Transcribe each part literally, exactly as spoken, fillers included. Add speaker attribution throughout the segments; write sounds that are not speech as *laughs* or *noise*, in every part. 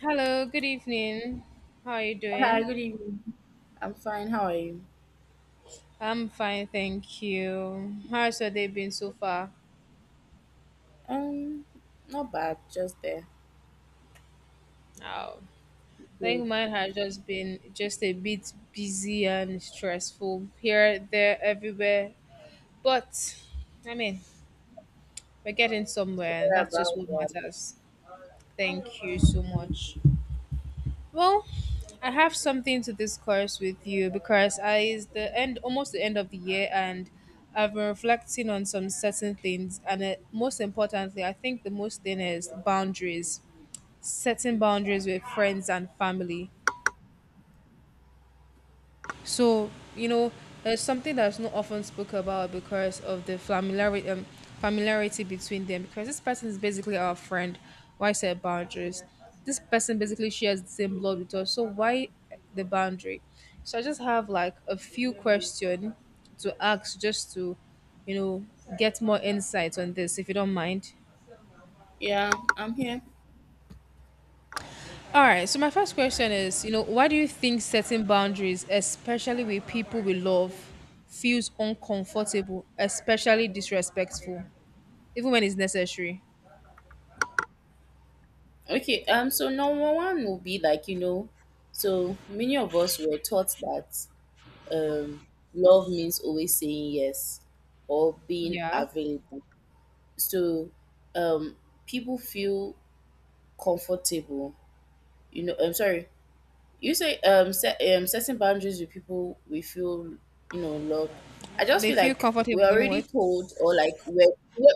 Speaker 1: Hello, good evening. How are you
Speaker 2: Hi,
Speaker 1: doing?
Speaker 2: good evening. I'm fine. How are you?
Speaker 1: I'm fine, thank you. How's your day been so far?
Speaker 2: Um, Not bad. Just there.
Speaker 1: Oh, I
Speaker 2: Good.
Speaker 1: think mine has just been just a bit busy and stressful here, there, everywhere. But I mean, we're getting somewhere, and
Speaker 2: Sorry
Speaker 1: that's just
Speaker 2: about
Speaker 1: what
Speaker 2: that.
Speaker 1: matters. Thank you so much. Well, I have something to discuss with you because I is the end almost the end of the year, and I've been reflecting on some certain things, and uh, most importantly, I think the most thing is boundaries, setting boundaries with friends and family. So you know, it's something that's not often spoke about because of the familiarity um, familiarity between them. Because this person is basically our friend. Why set boundaries? This person basically shares the same blood with us. So why the boundary? So I just have like a few questions to ask just to, you know, get more insight on this if you don't mind.
Speaker 2: Yeah, I'm here.
Speaker 1: All right. So my first question is, you know, why do you think setting boundaries, especially with people we love, feels uncomfortable, especially disrespectful, even when it's necessary?
Speaker 2: Okay. Um, so number one will be like you know, so many of us were taught that um, love means always saying yes or being
Speaker 1: Yeah.
Speaker 2: available. So, um, people feel comfortable. You know, I'm sorry. You say um, set, um setting boundaries with people we feel you know loved. I just
Speaker 1: They
Speaker 2: feel
Speaker 1: feel
Speaker 2: like we're
Speaker 1: comfortable doing
Speaker 2: already
Speaker 1: what?
Speaker 2: told or like we're, we're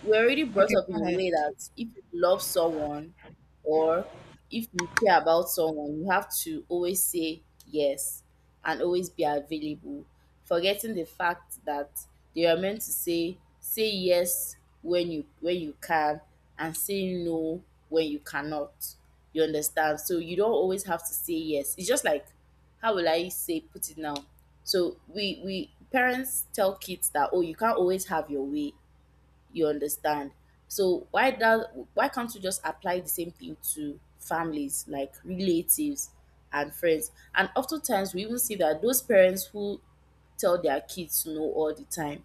Speaker 2: we're already brought
Speaker 1: Okay,
Speaker 2: up in
Speaker 1: go
Speaker 2: a
Speaker 1: ahead.
Speaker 2: way that if you love someone or if you care about someone, you have to always say yes and always be available, forgetting the fact that they are meant to say say yes when you when you can and say no when you cannot. You understand? So you don't always have to say yes. It's just like how will I say put it now? So we we parents tell kids that oh you can't always have your way you understand? So why that why can't we just apply the same thing to families like relatives and friends? And oftentimes we even see that those parents who tell their kids no all the time,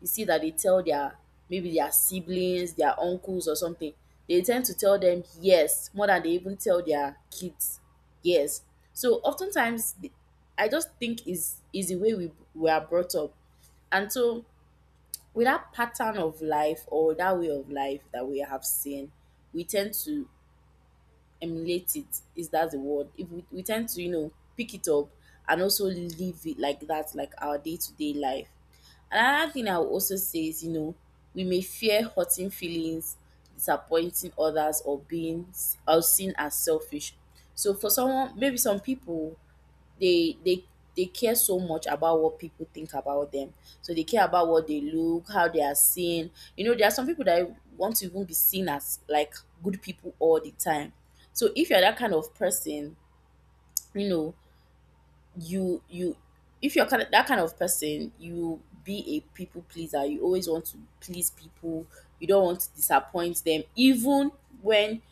Speaker 2: you see that they tell their maybe their siblings, their uncles or something, they tend to tell them yes more than they even tell their kids yes. So oftentimes the- I just think is is the way we we are brought up. And so with that pattern of life or that way of life that we have seen, we tend to emulate it. Is that the word? If we, we tend to, you know, pick it up and also live it like that, like our day to day life. Another thing I will also say is, you know, we may fear hurting feelings, disappointing others, or being s- or seen as selfish. So for someone, maybe some people they they they care so much about what people think about them. So they care about what they look, how they are seen. You know, there are some people that want to even be seen as like good people all the time. So if you're that kind of person, you know, you you if you're kind of, that kind of person, you be a people pleaser. You always want to please people. You don't want to disappoint them, even when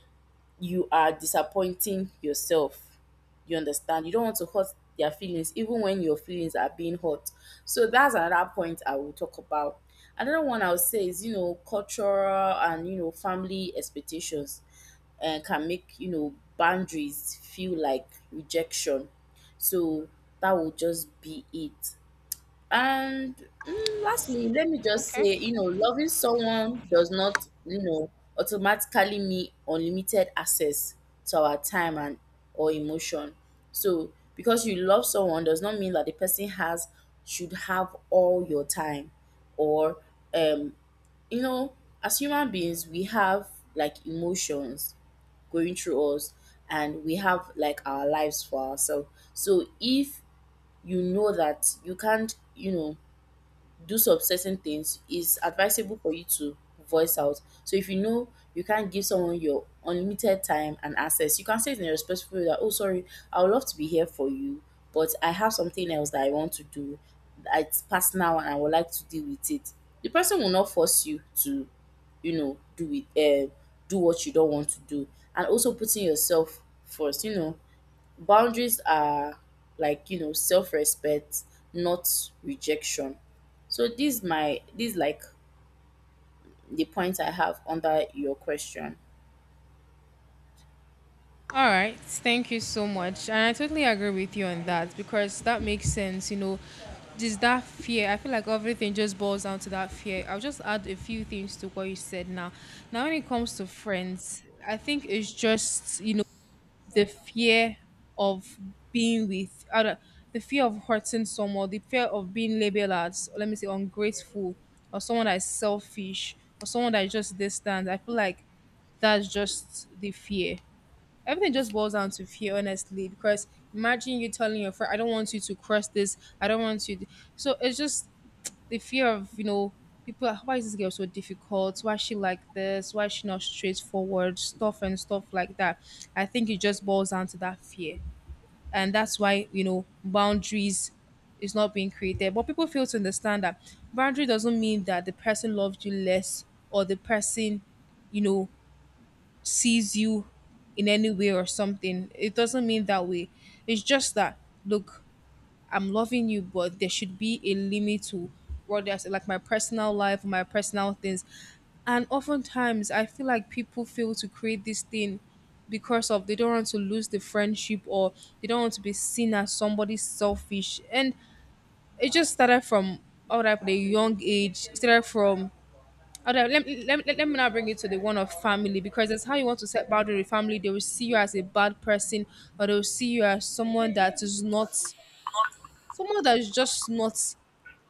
Speaker 2: you are disappointing yourself. You understand? You don't want to hurt their feelings, even when your feelings are being hurt. So that's another point I will talk about. Another one I would say is, you know, cultural and, you know, family expectations and can make, you know, boundaries feel like rejection. So that will just be it. And mm, lastly, let me just
Speaker 1: Okay.
Speaker 2: say, you know, loving someone does not, you know, automatically mean unlimited access to our time and or emotion. So, because you love someone does not mean that the person has should have all your time, or um, you know, as human beings, we have like emotions going through us and we have like our lives for ourselves. So if you know that you can't you know do some certain things, it's advisable for you to voice out. So if you know you can't give someone your unlimited time and access, you can say it in a respectful way that, oh, sorry, I would love to be here for you, but I have something else that I want to do. It's personal and I would like to deal with it. The person will not force you to, you know, do it, uh, do what you don't want to do. And also putting yourself first, you know, boundaries are like you know self-respect, not rejection. So this my this like the point I have under your question.
Speaker 1: All right. Thank you so much. And I totally agree with you on that because that makes sense, you know. Just that fear. I feel like everything just boils down to that fear. I'll just add a few things to what you said now. Now when it comes to friends, I think it's just, you know, the fear of being with I don't- the fear of hurting someone, the fear of being labeled as let me say ungrateful, or someone that is selfish, or someone that is just distant. I feel like that's just the fear. Everything just boils down to fear, honestly. Because imagine you telling your friend, "I don't want you to cross this. I don't want you." To. So it's just the fear of you know people are, why is this girl so difficult, why is she like this, why is she not straightforward, stuff and stuff like that. I think it just boils down to that fear, and that's why you know boundaries is not being created, but people fail to understand that boundary doesn't mean that the person loves you less, or the person you know sees you in any way or something. It doesn't mean that way. It's just that, look, I'm loving you, but there should be a limit to what there's like my personal life, my personal things. And oftentimes I feel like people fail to create this thing because of they don't want to lose the friendship, or they don't want to be seen as somebody selfish. And it just started from out at a young age, it started from out let, let, let, let me now bring it to the one of family, because that's how you want to set boundary with family. They will see you as a bad person, or they will see you as someone that is not, someone that is just not,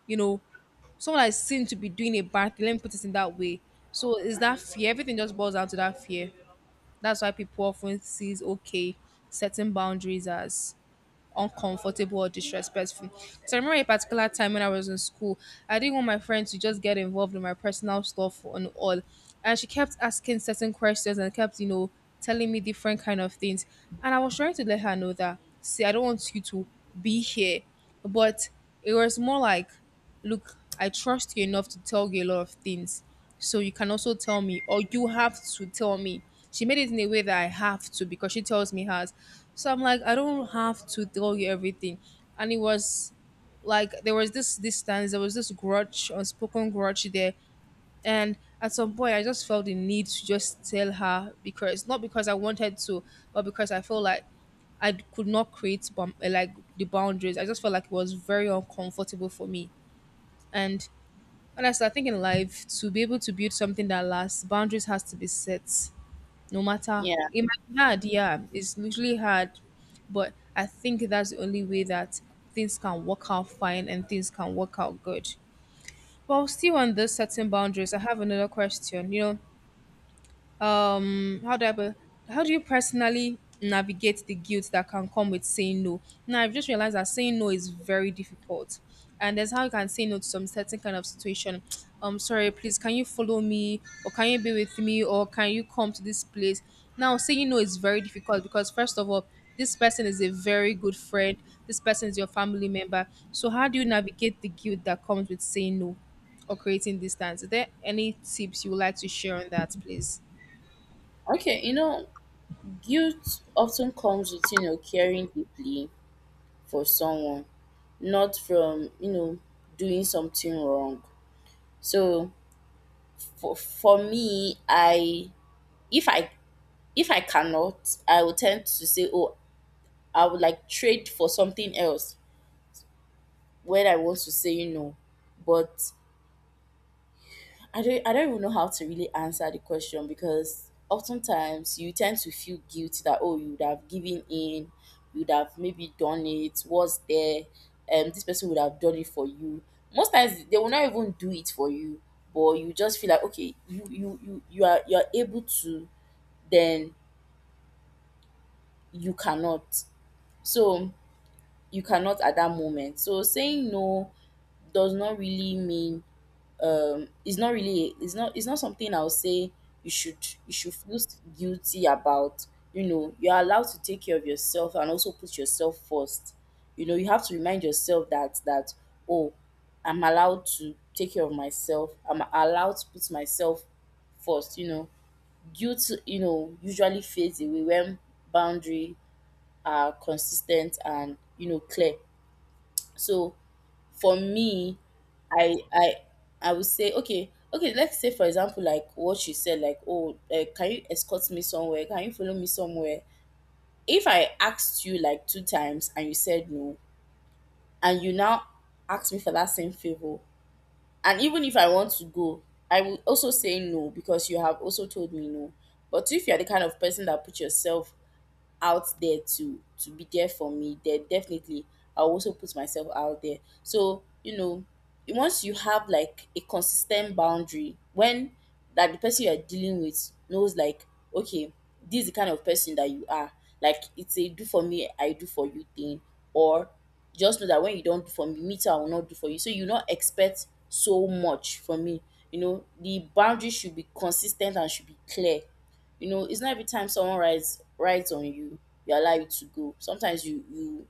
Speaker 1: you know, someone that is seen to be doing a bad thing. Let me put it in that way. So is that fear? Everything just boils down to that fear. That's why people often sees, okay, setting boundaries as uncomfortable or disrespectful. So I remember a particular time when I was in school, I didn't want my friend to just get involved in my personal stuff and all. And she kept asking certain questions and kept, you know, telling me different kind of things. And I was trying to let her know that, see, I don't want you to be here. But it was more like, look, I trust you enough to tell you a lot of things. So you can also tell me, or you have to tell me. She made it in a way that I have to because she tells me hers. So I'm like, I don't have to tell you everything. And it was like there was this distance, there was this grudge, unspoken grudge there. And at some point I just felt the need to just tell her, because not because I wanted to, but because I felt like I could not create bum- like the boundaries. I just felt like it was very uncomfortable for me. And honestly, I think in life, to be able to build something that lasts, boundaries has to be set. No matter
Speaker 2: Yeah.
Speaker 1: it might be hard, yeah, it's literally hard, but I think that's the only way that things can work out fine and things can work out good. Well, still on this setting boundaries, I have another question. You know, um how do i put- how do you personally navigate the guilt that can come with saying no? Now I've just realized that saying no is very difficult, and there's how you can say no to some certain kind of situation. um sorry, please, can you follow me, or can you be with me, or can you come to this place? Now saying no is very difficult because, first of all, this person is a very good friend, this person is your family member. So how do you navigate the guilt that comes with saying no or creating distance? Is there any tips you would like to share on that, please?
Speaker 2: Okay, you know, guilt often comes with, you know, caring deeply for someone, not from, you know, doing something wrong. So for for me, I if I if I cannot, I will tend to say, oh, I would like trade for something else when I want to say no. But I don't I don't even know how to really answer the question because oftentimes you tend to feel guilty that oh you would have given in, you would have maybe done it, was there, um this person would have done it for you. Most times they will not even do it for you, but you just feel like okay, you you you, you are you're able to, then you cannot. So you cannot at that moment. So saying no does not really mean um it's not really it's not it's not something I'll say you should you should feel guilty about. You know, you're allowed to take care of yourself and also put yourself first. You know, you have to remind yourself that that oh, I'm allowed to take care of myself. I'm allowed to put myself first. You know, guilt you know usually fades away when boundary are consistent and you know clear. So for me, I I I would say okay, okay. Let's say for example, like what you said, like oh, uh, can you escort me somewhere? Can you follow me somewhere? If I asked you like two times and you said no, and you now ask me for that same favor, and even if I want to go, I will also say no because you have also told me no. But if you are the kind of person that put yourself out there to to be there for me, then definitely I'll also put myself out there. So, you know, once you have like a consistent boundary, when that the person you're dealing with knows like, okay, this is the kind of person that you are. Like it's a do for me, I do for you thing. Or just know that when you don't do for me, me too, I will not do for you. So you not expect so much from me. You know, the boundary should be consistent and should be clear. You know it's not every time someone writes writes on you you allow it to go. Sometimes you you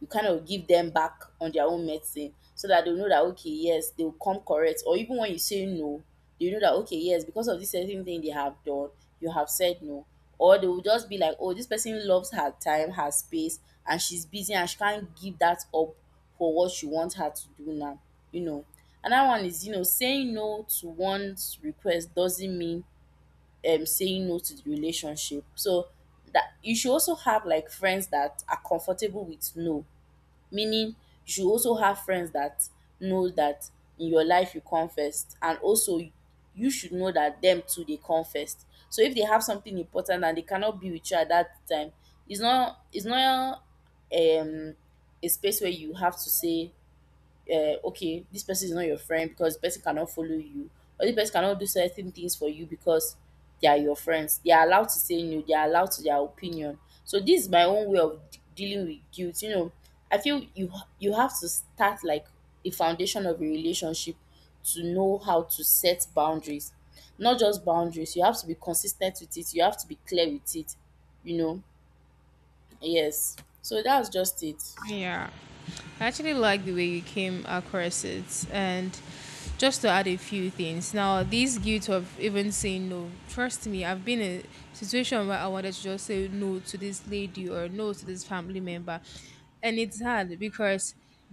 Speaker 2: you kind of give them back on their own medicine so that they'll know that okay yes they'll come correct, or even when you say no they know that okay yes because of this certain thing they have done you have said no, or they will just be like oh this person loves her time, her space, and she's busy and she can't give that up for what she wants her to do now. You know, another one is you know saying no to one's request doesn't mean um saying no to the relationship. So that you should also have like friends that are comfortable with no. Meaning you should also have friends that know that in your life you come first and also you should know that them too they come first. So if they have something important and they cannot be with you at that time, it's not it's not um a space where you have to say uh, okay, this person is not your friend because the person cannot follow you, or this person cannot do certain things for you because they are your friends. They are allowed to say no, they are allowed to their opinion. So this is my own way of d- dealing with guilt. You know, I feel you ha- you have to start like a foundation of a relationship to know how to set boundaries. Not just boundaries, you have to be consistent with it, you have to be clear with it, you know. Yes. So that's just it.
Speaker 1: Yeah. I actually like the way you came across it. And just to add a few things. Now, this guilt of even saying no, trust me, I've been in a situation where I wanted to just say no to this lady or no to this family member. And it's hard because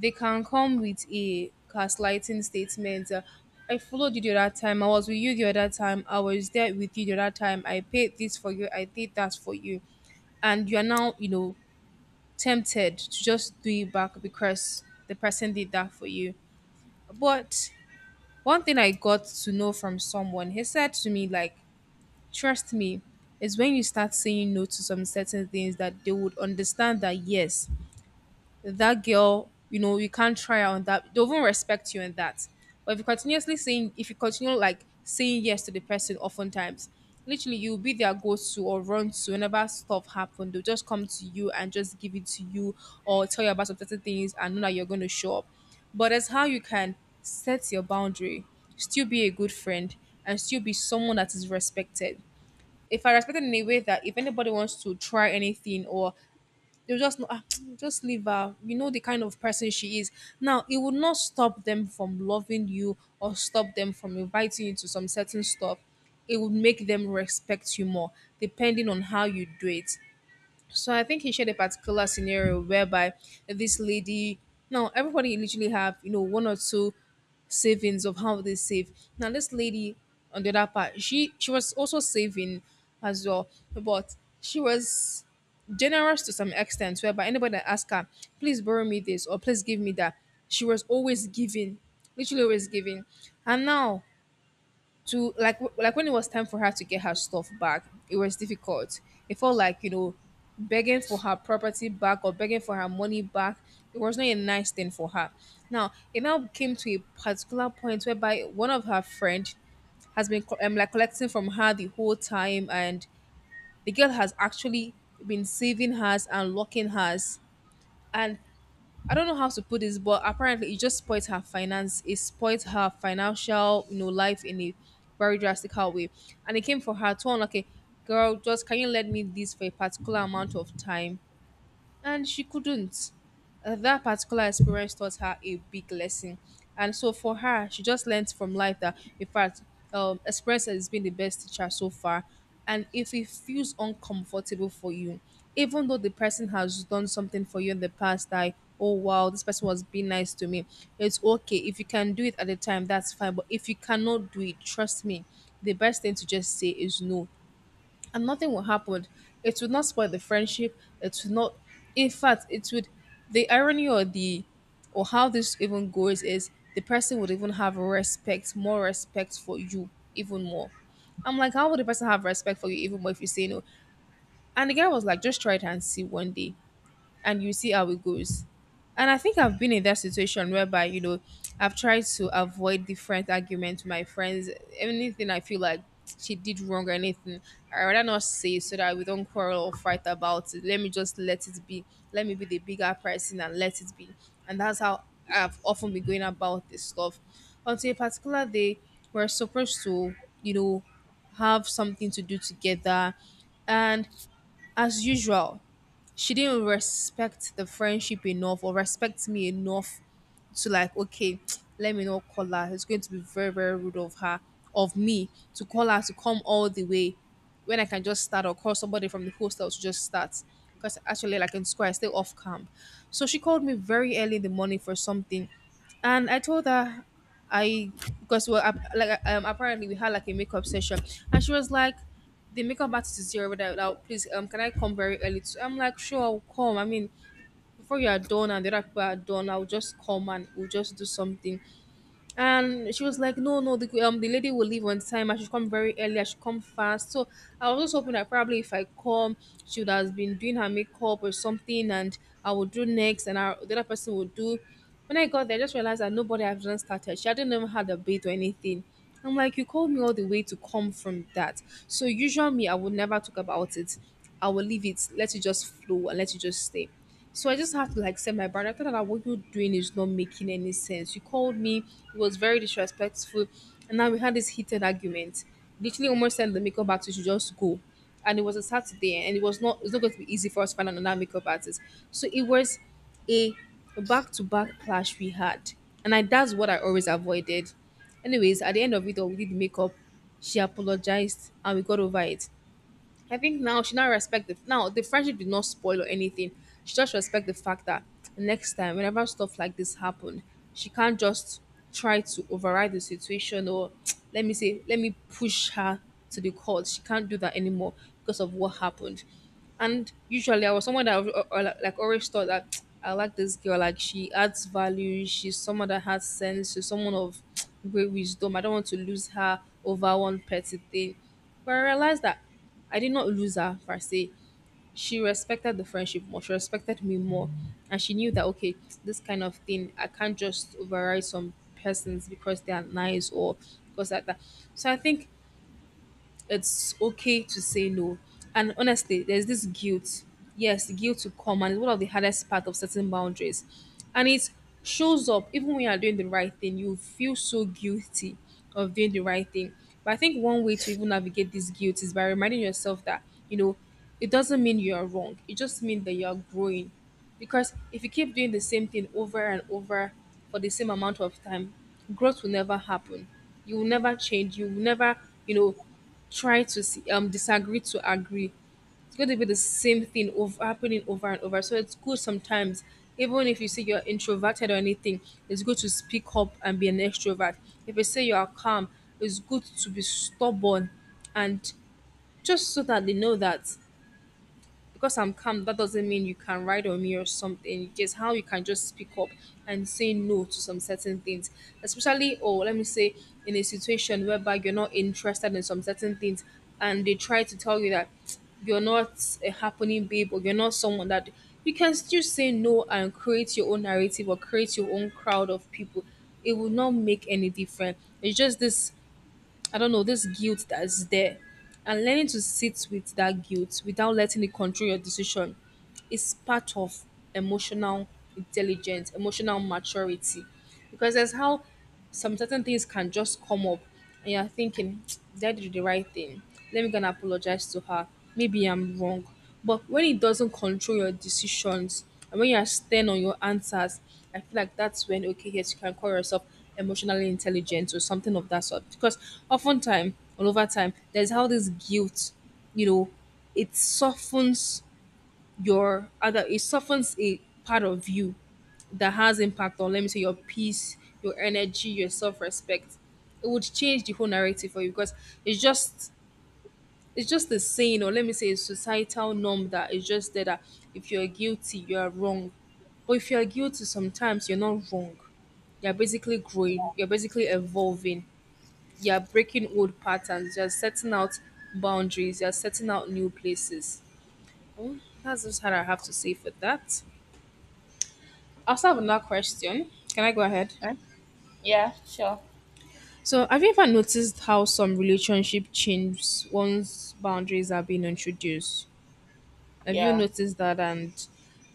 Speaker 1: they can come with a gaslighting statement. uh, I followed you the other time. I was with you the other time. I was there with you the other time. I paid this for you. I did that for you. And you are now, you know, tempted to just do it back because the person did that for you. But one thing I got to know from someone, he said to me, like, trust me, it's when you start saying no to some certain things that they would understand that, yes, that girl, you know, you can't try her on that. They won't respect you in that. But if you continuously saying, if you continue like saying yes to the person, oftentimes, literally you'll be their go-to or run to whenever stuff happen. They'll just come to you and just give it to you, or tell you about some certain things and know that you're going to show up. But that's how you can set your boundary, still be a good friend, and still be someone that is respected. If I respect it in a way that if anybody wants to try anything or they'll just know, ah, *tsk* just leave her. You know the kind of person she is. Now, it would not stop them from loving you or stop them from inviting you to some certain stuff. It would make them respect you more, depending on how you do it. So I think he shared a particular scenario whereby this lady, now everybody literally have you know one or two savings of how they save. Now this lady on the other part, she she was also saving as well, but she was generous to some extent whereby anybody that asked her, please borrow me this or please give me that, she was always giving, literally always giving. And now to like w- like when it was time for her to get her stuff back, it was difficult. It felt like you know begging for her property back or begging for her money back. It was not a nice thing for her. Now it now came to a particular point whereby one of her friend has been co- um, like collecting from her the whole time, and the girl has actually been saving hers and locking hers, and I don't know how to put this, but apparently it just spoiled her finance. It spoiled her financial, you know, life in a very drastical way. And it came for her to unlock a girl, just can you lend me this for a particular amount of time? And she couldn't. Uh, that particular experience taught her a big lesson. And so for her, she just learned from life that, in fact, um, experience has been the best teacher so far. And if it feels uncomfortable for you, even though the person has done something for you in the past, like, oh wow, this person was being nice to me, it's okay. If you can do it at the time, that's fine. But if you cannot do it, trust me, the best thing to just say is no, and nothing will happen. It would not spoil the friendship. It would not. In fact, it would. The irony or the or how this even goes is the person would even have respect, more respect for you, even more. I'm like, how would the person have respect for you even more if you say no? And the guy was like, just try it and see one day and you see how it goes. And I think I've been in that situation whereby, you know, I've tried to avoid different arguments with my friends. Anything I feel like she did wrong or anything, I rather not say it so that we don't quarrel or fight about it. Let me just let it be. Let me be the bigger person and let it be. And that's how I've often been going about this stuff. Until a particular day, we're supposed to, you know, have something to do together. And as usual, she didn't respect the friendship enough or respect me enough to like, okay, let me not call her. It's going to be very, very rude of her, of me, to call her to come all the way when I can just start or call somebody from the hostel to just start. Because actually, like in school, I stay off camp. So she called me very early in the morning for something. And I told her, I, because well, ap- like um, apparently we had like a makeup session. And she was like, the makeup artist is here, but now please, um, can I come very early? Too? I'm like, sure, I'll come. I mean, before you are done and the other people are done, I'll just come and we'll just do something. And she was like, no, no, the, um, the lady will leave on time. I should come very early. I should come fast. So I was just hoping that probably if I come, she would have been doing her makeup or something and I would do next and I, the other person would do. When I got there, I just realized that nobody had even started. She hadn't even had a bait or anything. I'm like, you called me all the way to come from that. So usually me, I would never talk about it. I will leave it, let it just flow and let it just stay. So I just have to like say my brother. I thought that what you're doing is not making any sense. You called me, it was very disrespectful, and now we had this heated argument. Literally almost sent the makeup artist to just go. And it was a Saturday, and it was not it's not going to be easy for us to find another makeup artist. So it was a back to back clash we had. And I that's what I always avoided. Anyways, at the end of it all, we did makeup. She apologized and we got over it. I think now she now respect the now the friendship did not spoil or anything. She just respect the fact that next time, whenever stuff like this happen, she can't just try to override the situation or *tsk* let me say let me push her to the court. She can't do that anymore because of what happened. And usually, I was someone that al- al- like like, always thought that *tsk* I like this girl. Like she adds value. She's someone that has sense. She's someone of *tsk* great wisdom. I don't want to lose her over one petty thing. But I realized that I did not lose her per se. She respected the friendship more. She respected me more. And she knew that, okay, this kind of thing, I can't just override some persons because they are nice or because like that. So I think it's okay to say no. And honestly, there's this guilt. Yes, the guilt to come, and it's one of the hardest part of setting boundaries. And it shows up even when you are doing the right thing. You feel so guilty of doing the right thing. But I think one way to even navigate this guilt is by reminding yourself that, you know, it doesn't mean you are wrong. It just means that you are growing. Because if you keep doing the same thing over and over for the same amount of time, growth will never happen. You will never change. You will never, you know, try to see, um disagree to agree. It's going to be the same thing over happening over and over. So it's good sometimes, even if you say you're introverted or anything, it's good to speak up and be an extrovert. If you say you are calm, it's good to be stubborn and just so that they know that because I'm calm, that doesn't mean you can ride on me or something. Just how you can just speak up and say no to some certain things, especially or let me say in a situation whereby you're not interested in some certain things, and they try to tell you that you're not a happening babe or you're not someone that you can still say no and create your own narrative or create your own crowd of people. It will not make any difference. It's just this I don't know, this guilt that is there. And learning to sit with that guilt without letting it control your decision is part of emotional intelligence, emotional maturity. Because that's how some certain things can just come up and you're thinking, *tsk* did I do the right thing? Let me go and apologize to her. Maybe I'm wrong. But when it doesn't control your decisions and when you're stern on your answers, I feel like that's when okay, yes, you can call yourself emotionally intelligent or something of that sort. Because oftentimes, all over time, there's how this guilt, you know, it softens your other it softens a part of you that has impact on let me say your peace, your energy, your self-respect. It would change the whole narrative for you because it's just it's just a saying or let me say a societal norm that is just there that if you're guilty you are wrong, but if you're guilty sometimes you're not wrong. You're basically growing, you're basically evolving, you're breaking old patterns, you're setting out boundaries, you're setting out new places. Well, that's just what I have to say for that. I also have another question. Can I go ahead?
Speaker 2: Huh? Yeah, sure.
Speaker 1: So, have you ever noticed how some relationship change once boundaries are being introduced? Have you
Speaker 2: Yeah.
Speaker 1: noticed that? And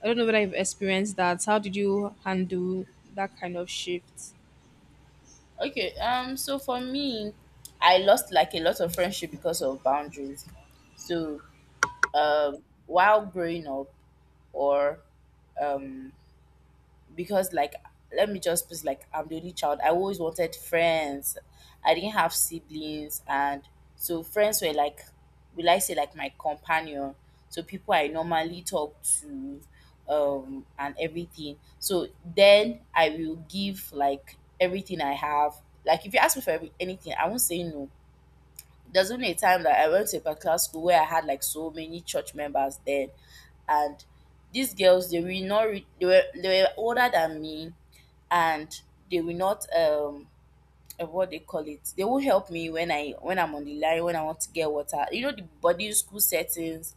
Speaker 1: I don't know whether you've experienced that. How did you handle that kind of shift?
Speaker 2: Okay, um, so for me, I lost like a lot of friendship because of boundaries. So, um, while growing up, or um, because like let me just put it like I'm the only child. I always wanted friends. I didn't have siblings and so friends were like will I say like my companion. So people I normally talk to um and everything. So then I will give like everything I have. Like if you ask me for every, anything, I won't say no. There's only a time that I went to a particular school where I had like so many church members then and these girls they were not re- they were they were older than me and they will not um uh, what they call it they will help me when i when i'm on the line when I want to get water you know the boarding school settings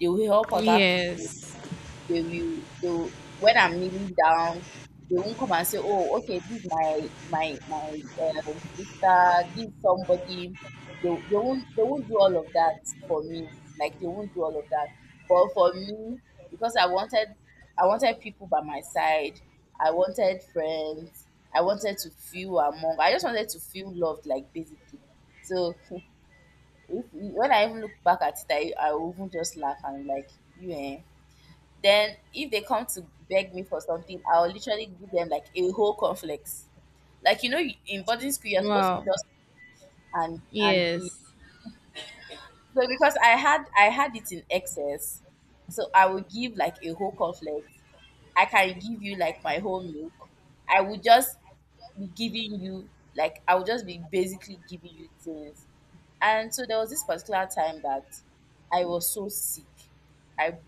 Speaker 2: they will help other people.
Speaker 1: Yes.
Speaker 2: they will they when I'm kneeling down, they won't come and say, "Oh, okay, this is my my my um, sister, this is somebody." They, they won't they won't do all of that for me. Like they won't do all of that. But for me, because I wanted I wanted people by my side. I wanted friends. I wanted to feel among. I just wanted to feel loved, like basically. So *laughs* if, when I even look back at it, I, I will even just laugh, and like, you eh, then if they come to beg me for something, I'll literally give them like a whole complex. Like, you know, you- in boarding school, you're supposed to
Speaker 1: Wow.
Speaker 2: just and and give.
Speaker 1: Yes.
Speaker 2: So, because I had I had it in excess, so I would give like a whole complex. I can give you like my whole milk. I would just be giving you like I would just be basically giving you things. And so there was this particular time that I was so sick. I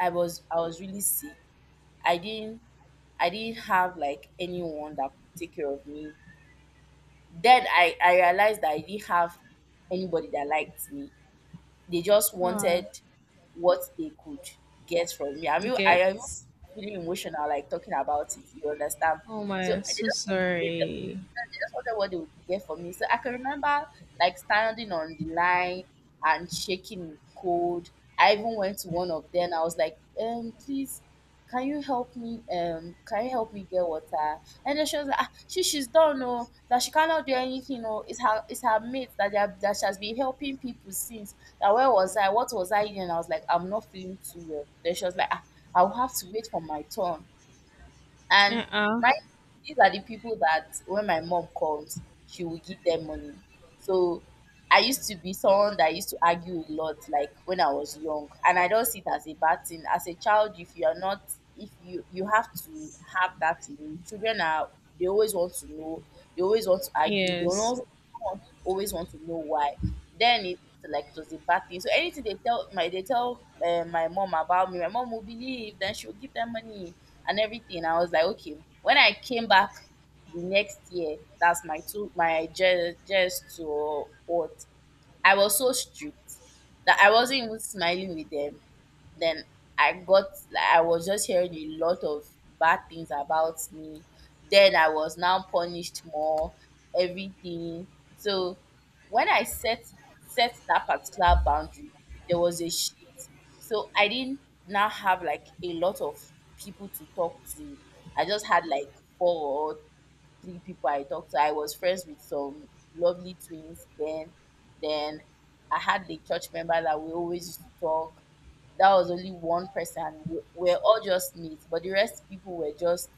Speaker 2: I was I was really sick. I didn't I didn't have like anyone that could take care of me. Then I, I realized that I didn't have anybody that liked me. They just
Speaker 1: Wow.
Speaker 2: wanted what they could get from me. I mean, I am
Speaker 1: Gets.
Speaker 2: feeling emotional, like, talking about it, you understand?
Speaker 1: Oh
Speaker 2: So
Speaker 1: my.
Speaker 2: they
Speaker 1: So
Speaker 2: just they,
Speaker 1: sorry.
Speaker 2: I just wonder what they would get for me. So I can remember like standing on the line and shaking in the cold. I even went to one of them. I was like, um, please, can you help me? Um, can you help me get water? And then she was like, ah, she she's done, no, that she cannot do anything. No, it's her, it's her mate that they have, that she has been helping people since. That, where was I? What was I doing? And I was like, I'm not feeling too well. Then she was like, ah, I will have to wait for my turn. And
Speaker 1: Uh. uh
Speaker 2: my these are the people that when my mom comes, she will give them money. So I used to be someone that used to argue a lot, like, when I was young, and I don't see it as a bad thing. As a child, if you are not, if you you have to have that in you. Children are They always want to know, they always want to argue, they
Speaker 1: Yes.
Speaker 2: always always want to know why. Then it's like it was a bad thing. So, anything they tell my they tell uh, my mom about me, my mom will believe. Then she will give them money and everything. I was like, okay. When I came back the next year, that's my two my J S two or what. I was so strict that I wasn't even smiling with them. Then I got, like, I was just hearing a lot of bad things about me. Then I was now punished more, everything. So, when I set set that particular boundary, there was a shift. So I didn't now have like a lot of people to talk to. I just had like four or three people I talked to. I was friends with some lovely twins then. Then I had the church member that we always used to talk. That was only one person. We we were all just mates, but the rest people were just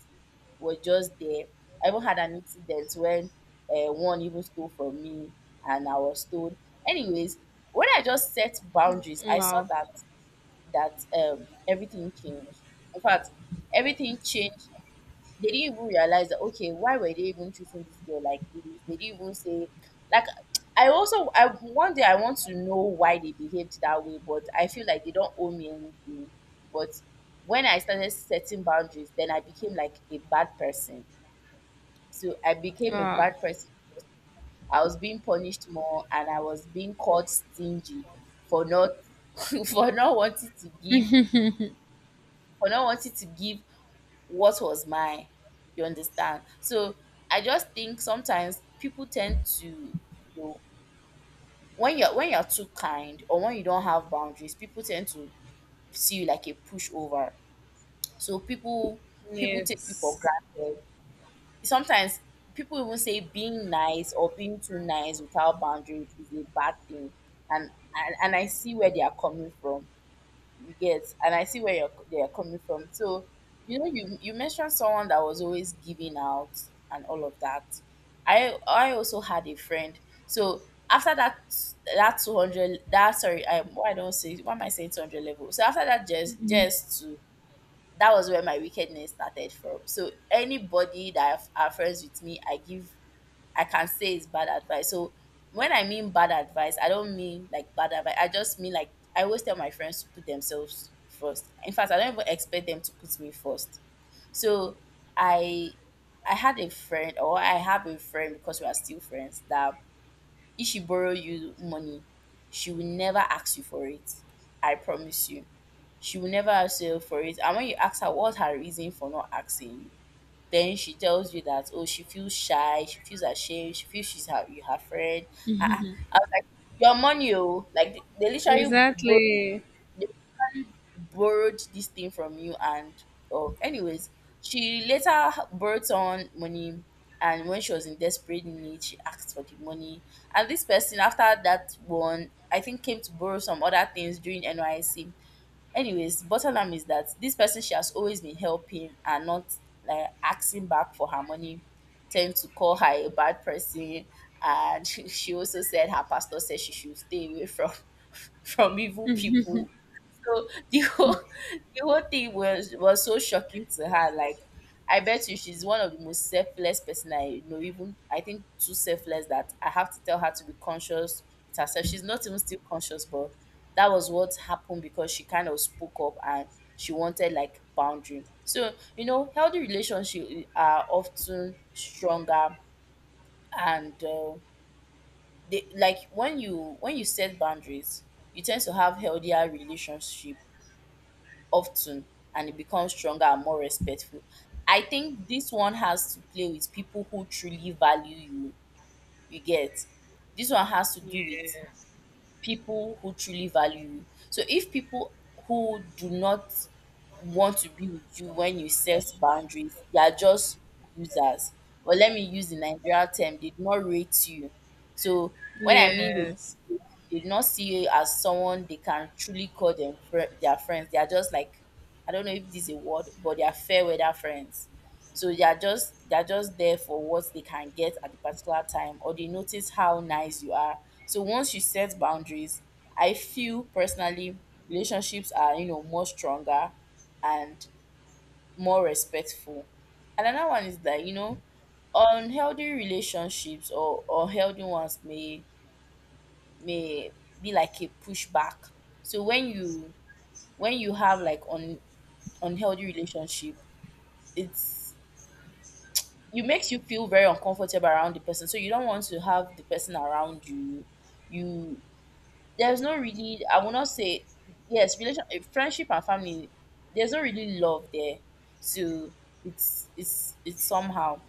Speaker 2: were just there. I even had an incident when uh, one even stole from me, and I was told. Anyways, when I just set boundaries, I saw
Speaker 1: Wow.
Speaker 2: that that um, everything changed. In fact, everything changed. They didn't even realize that, okay, why were they even treating this girl like this? They didn't even say, like, *tsk* I also I one day I want to know why they behaved that way, but I feel like they don't owe me anything. But when I started setting boundaries, then I became like a bad person. So I became a
Speaker 1: Ah.
Speaker 2: bad person. I was being punished more, and I was being called stingy for not *laughs* for not wanting to give, for not wanting to give what was mine, you understand? So I just think sometimes people tend to, you know, when you're when you're too kind, or when you don't have boundaries, people tend to see you like a pushover. So people people take you for
Speaker 1: Yes.
Speaker 2: granted sometimes. People even say being nice or being too nice without boundary is a bad thing, and and, and I see where they are coming from. You get? And I see where you're, they are coming from. So, you know, you you mentioned someone that was always giving out and all of that. I I also had a friend. So, after that, that two hundred, that, sorry, I, why don't say, why am I saying two hundred level? So, after that, just just to that was where my wickedness started from. So, anybody that are friends with me, I give I can say it's bad advice. So, when I mean bad advice, I don't mean like bad advice. I just mean, like, I always tell my friends to put themselves first. In fact, I don't even expect them to put me first. So I I had a friend, or I have a friend, because we are still friends, that if she borrow you money, she will never ask you for it. I promise you. She will never ask you for it. And when you ask her what's her reason for not asking you, then she tells you that, oh, she feels shy, she feels ashamed, she feels she's her, you, her friend. Ah, ah. I was like, your money, oh. Like, they, they literally borrowed
Speaker 1: Exactly.
Speaker 2: they literally borrowed this thing from you, and, oh, anyways, she later borrowed on money, and when she was in desperate need, she asked for the money. And this person, after that one, I think came to borrow some other things during N Y C. Anyways, bottom line is that this person, she has always been helping, and not like asking back for her money, tend to call her a bad person. And *laughs* she, she also said her pastor said she should stay away from *laughs* from evil people. So the whole *laughs* the whole thing was was so shocking to her. Like, I bet you she's one of the most selfless person I know. Even, I think, too selfless that I have to tell her to be conscious with herself. She's not even still conscious, but that was what happened, because she kind of spoke up and she wanted like boundary. So, you know, healthy relationship, uh, are often stronger, and uh, they, like, when you when you set boundaries, you tend to have healthier relationship often, and it becomes stronger and more respectful. I think this one has to play with people who truly value you. You get? This one has to do with
Speaker 1: Yeah.
Speaker 2: people who truly value you. So, if people who do not want to be with you when you set boundaries, they are just users. Or, let me use the Nigerian term, they do not rate you. So, when I mean
Speaker 1: Yes.
Speaker 2: they, they do not see you as someone they can truly call them fri their friends. They are just like, I don't know if this is a word, but they are fair weather friends. So they are just, they are just there for what they can get at the particular time, or they notice how nice you are. So, once you set boundaries, I feel personally relationships are, you know more stronger and more respectful. And another one is that, you know unhealthy relationships, or or healthy ones may may be like a pushback. So, when you when you have like un, unhealthy relationship, it's you makes you feel very uncomfortable around the person, so you don't want to have the person around you. you there's no really, I will not say yes, relation eh, friendship and family, there's no really love there. So, it's it's it's somehow.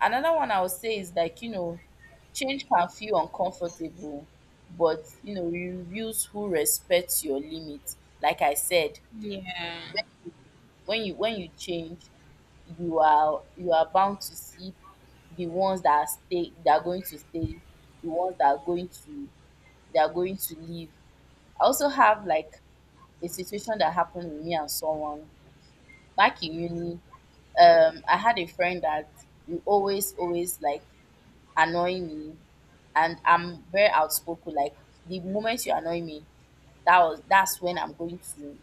Speaker 2: Another one I would say is, like, you know change can feel uncomfortable, but you know you reveals who respects your limit. Like I said,
Speaker 1: Yeah,
Speaker 2: when you when you change, you are you are bound to see the ones that are stay that are going to stay, the ones that are going to they are going to leave. I also have like a situation that happened with me and someone back in uni. Um, I had a friend that will always always like annoy me, and I'm very outspoken. Like, the moment you annoy me, that was, that's when I'm going to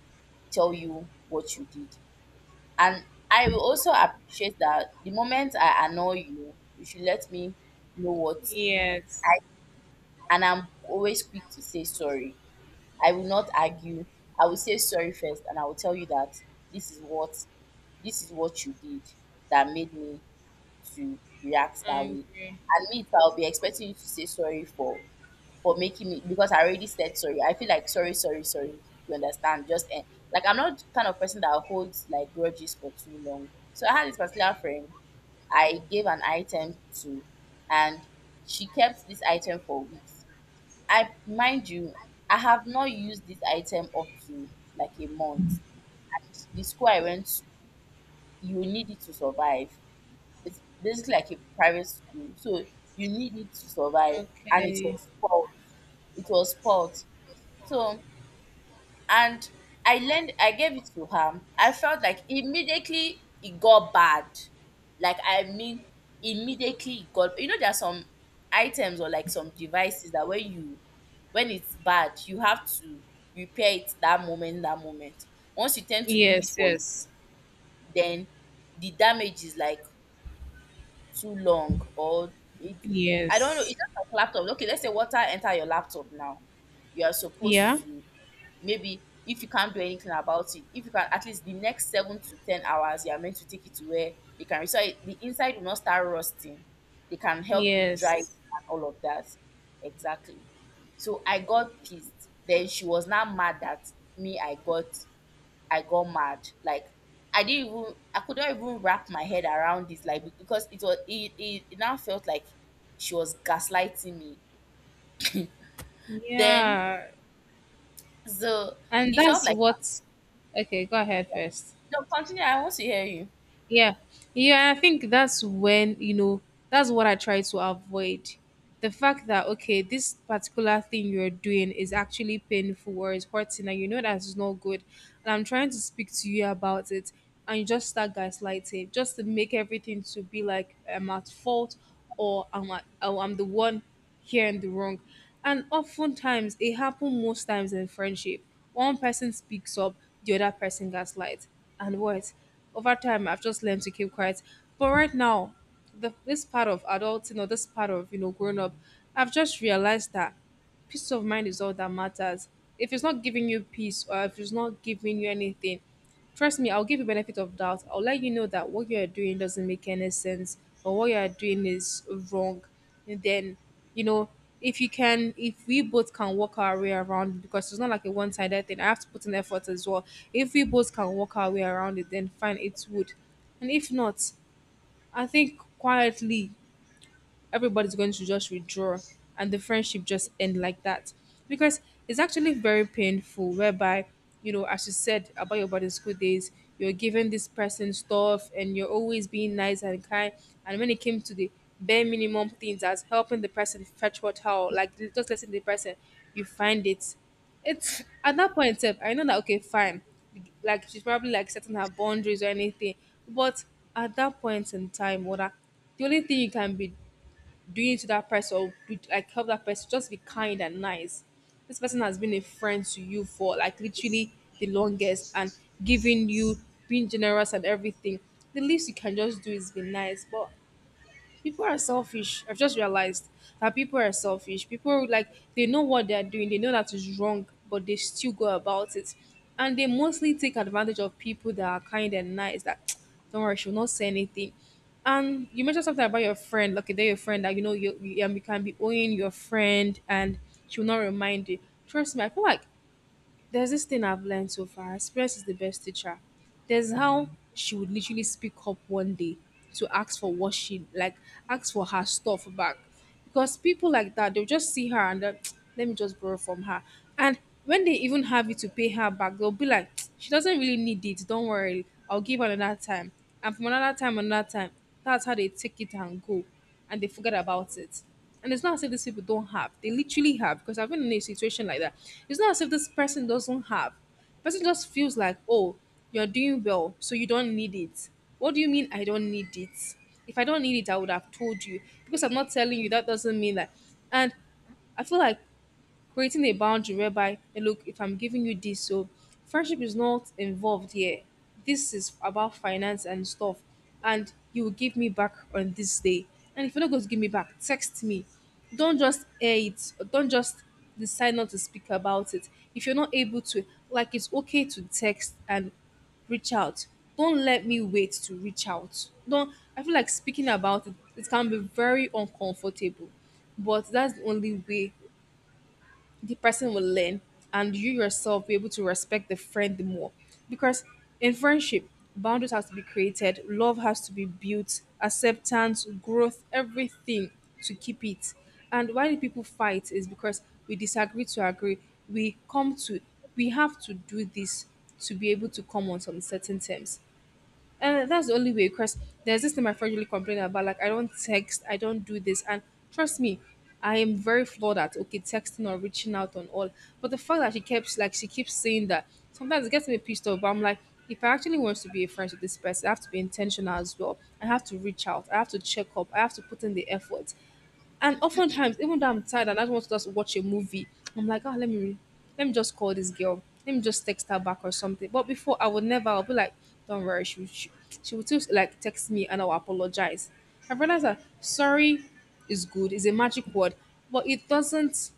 Speaker 2: tell you what you did. And I will also appreciate that the moment I annoy you, you should let me know what
Speaker 1: yes.
Speaker 2: I and I'm always quick to say sorry. I will not argue. I will say sorry first, and I will tell you that this is what, this is what you did that made me to react that
Speaker 1: I
Speaker 2: way.
Speaker 1: agree.
Speaker 2: And me, too, I'll be expecting you to say sorry for for making me, because I already said sorry. I feel like, sorry, sorry, sorry. You understand? Just, eh, like, I'm not the kind of person that holds like grudges for too long. So I had this particular friend. I gave an item to, and she kept this item for weeks. I mind you, I have not used this item up to like a month. The school I went to, you need it to survive. It's basically like a private school, so you need it to survive, and it
Speaker 1: Okay.
Speaker 2: was spoiled. It was spoiled. So, and I lend I gave it to her. I felt like immediately it got bad. Like, I mean, immediately it got, you know there are some items or, like, some devices that when you when it's bad, you have to repair it that moment, that moment. Once you tend to leave it
Speaker 1: Yes,
Speaker 2: for,
Speaker 1: yes,
Speaker 2: then the damage is like too long, or it I don't know, it's
Speaker 1: yes,
Speaker 2: just like laptop. Okay, let's say water enter your laptop now. You are
Speaker 1: yeah,
Speaker 2: supposed to, maybe if you can't do anything about it, if you can, at least the next seven to ten hours you are meant to take it to where they can, so it- the inside will not start rusting. They can help you dry it
Speaker 1: yes,
Speaker 2: and all of that. Exactly. So I got pissed. Then she was now mad that me, I got I got mad. Like, I didn't even I could not even wrap my head around this. Like, because it was it, it, it now felt like she was gaslighting me. Then,
Speaker 1: yeah,
Speaker 2: so,
Speaker 1: and
Speaker 2: it felt
Speaker 1: that's
Speaker 2: like,
Speaker 1: what. Okay, go ahead first.
Speaker 2: no, continue. I want to hear you.
Speaker 1: Yeah. Yeah, I think that's when, you know, that's what I try to avoid. The fact that, okay, this particular thing you're doing is actually painful or is hurting, and you know that's not good. And I'm trying to speak to you about it, and you just start gaslighting just to make everything to be like I'm at fault or I'm, at, oh, I'm the one here in the wrong. And oftentimes, it happens most times in friendship. One person speaks up, the other person gaslights. And what? Over time I've just learned to keep quiet. But right now, the, this part of adulting or this part of you know growing up, I've just realized that peace of mind is all that matters. If it's not giving you peace or if it's not giving you anything, trust me, I'll give you benefit of doubt. I'll let you know that what you are doing doesn't make any sense or what you are doing is wrong. And then, you know, if you can, if we both can work our way around it, because it's not like a one-sided thing. I have to put in effort as well. If we both can work our way around it, then fine, it would. And if not, I think quietly everybody's going to just withdraw and the friendship just end like that because it's actually very painful whereby you know as you said about your boarding school days. You're giving this person stuff and you're always being nice and kind, and when it came to the bare minimum things as helping the person fetch water or like just letting the person, you find it, it's at that point sef, I know that okay fine, like she's probably like setting her boundaries or anything. But at that point in time whether the only thing you can be doing it to that person or do- like help that person just be kind and nice, this person has been a friend to you for like literally the longest and giving you, being generous and everything, the least you can just do is be nice. But people are selfish. I've just realized that people are selfish. People, like, they know what they're doing, they know that is wrong, but they still go about it. And they mostly take advantage of people that are kind and nice that *tsk* don't worry, she'll not say anything. And you mentioned something about your friend. Okay, they're your friend that you know you, you, um, you can be owing your friend and she'll not remind you. Trust me, I feel like there's this thing I've learned so far. Experience is the best teacher. There's how she would literally speak up one day to ask for what she like, ask for her stuff back. Because people like that, they'll just see her and then, *tsk* let me just borrow from her. And when they even have you to pay her back, they'll be like, *tsk* she doesn't really need it. Don't worry, I'll give her another time. And from another time, another time. That's how they take it and go and they forget about it. And it's not as if these people don't have. They literally have because I've been in a situation like that. It's not as if this person doesn't have. Person just feels like, oh, you're doing well, so you don't need it. What do you mean I don't need it? If I don't need it, I would have told you. Because I'm not telling you, that doesn't mean that. And I feel like creating a boundary whereby, "Hey, look, if I'm giving you this, so friendship is not involved here, this is about finance and stuff, and you will give me back on this day, and if you're not going to give me back, text me. Don't just air it, don't just decide not to speak about it. If you're not able to, like, it's okay to text and reach out. Don't let me wait to reach out." Don't, I feel like, speaking about it, it can be very uncomfortable, but that's the only way the person will learn and you yourself be able to respect the friend more. Because in friendship, boundaries have to be created, love has to be built, acceptance, growth, everything, to keep it. And why do people fight is because we disagree to agree. we come to we have to do this to be able to come on some certain terms. And that's the only way. Because there's this thing my friend really complained about. Like, I don't text, I don't do this. And trust me, I am very flawed at, okay, texting or reaching out on all. But the fact that she keeps like she keeps saying that sometimes it gets me pissed off. But I'm like, if I actually want to be a friend with this person, I have to be intentional as well. I have to reach out, I have to check up, I have to put in the effort. And oftentimes, even though I'm tired and I just want to just watch a movie, I'm like, oh, let me let me just call this girl. Let me just text her back or something. But before, I would never. I'll be like, don't worry. She she, she would just like text me and I'll apologize. I realized that sorry is good. It's a magic word, but it doesn't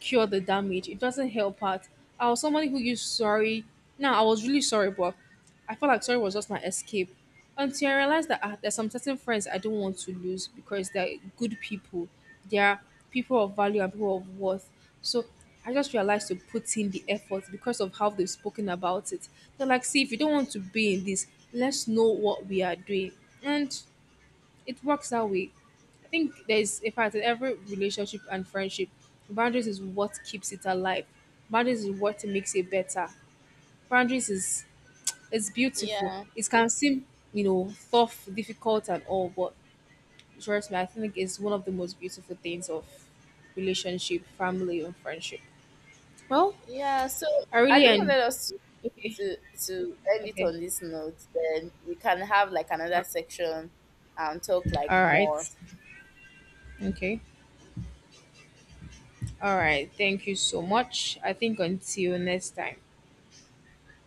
Speaker 1: cure the damage. It doesn't help out. I was somebody who used sorry. Now, I was really sorry, but I felt like sorry was just my escape. Until I realized that, ah, there's some certain friends I don't want to lose because they're good people. They are people of value and people of worth. So I just realized to put in the effort because of how they've spoken about it. They're like, see, if you don't want to be in this, let's know what we are doing. And it works that way. I think there's, in fact, in every relationship and friendship, boundaries is what keeps it alive. Boundaries is what makes it better. Boundaries is, it's beautiful.
Speaker 2: Yeah,
Speaker 1: It can seem, you know, tough, difficult and all, but trust me, I think it's one of the most beautiful things of relationship, family and friendship. Well,
Speaker 2: yeah. So
Speaker 1: I
Speaker 2: I
Speaker 1: really
Speaker 2: just
Speaker 1: end,
Speaker 2: wanted us to,
Speaker 1: okay.
Speaker 2: to to end it
Speaker 1: Okay.
Speaker 2: on this note. Then we can have like another
Speaker 1: All
Speaker 2: section and talk like
Speaker 1: right.
Speaker 2: more.
Speaker 1: Okay. All right. Thank you so much. I think until next time.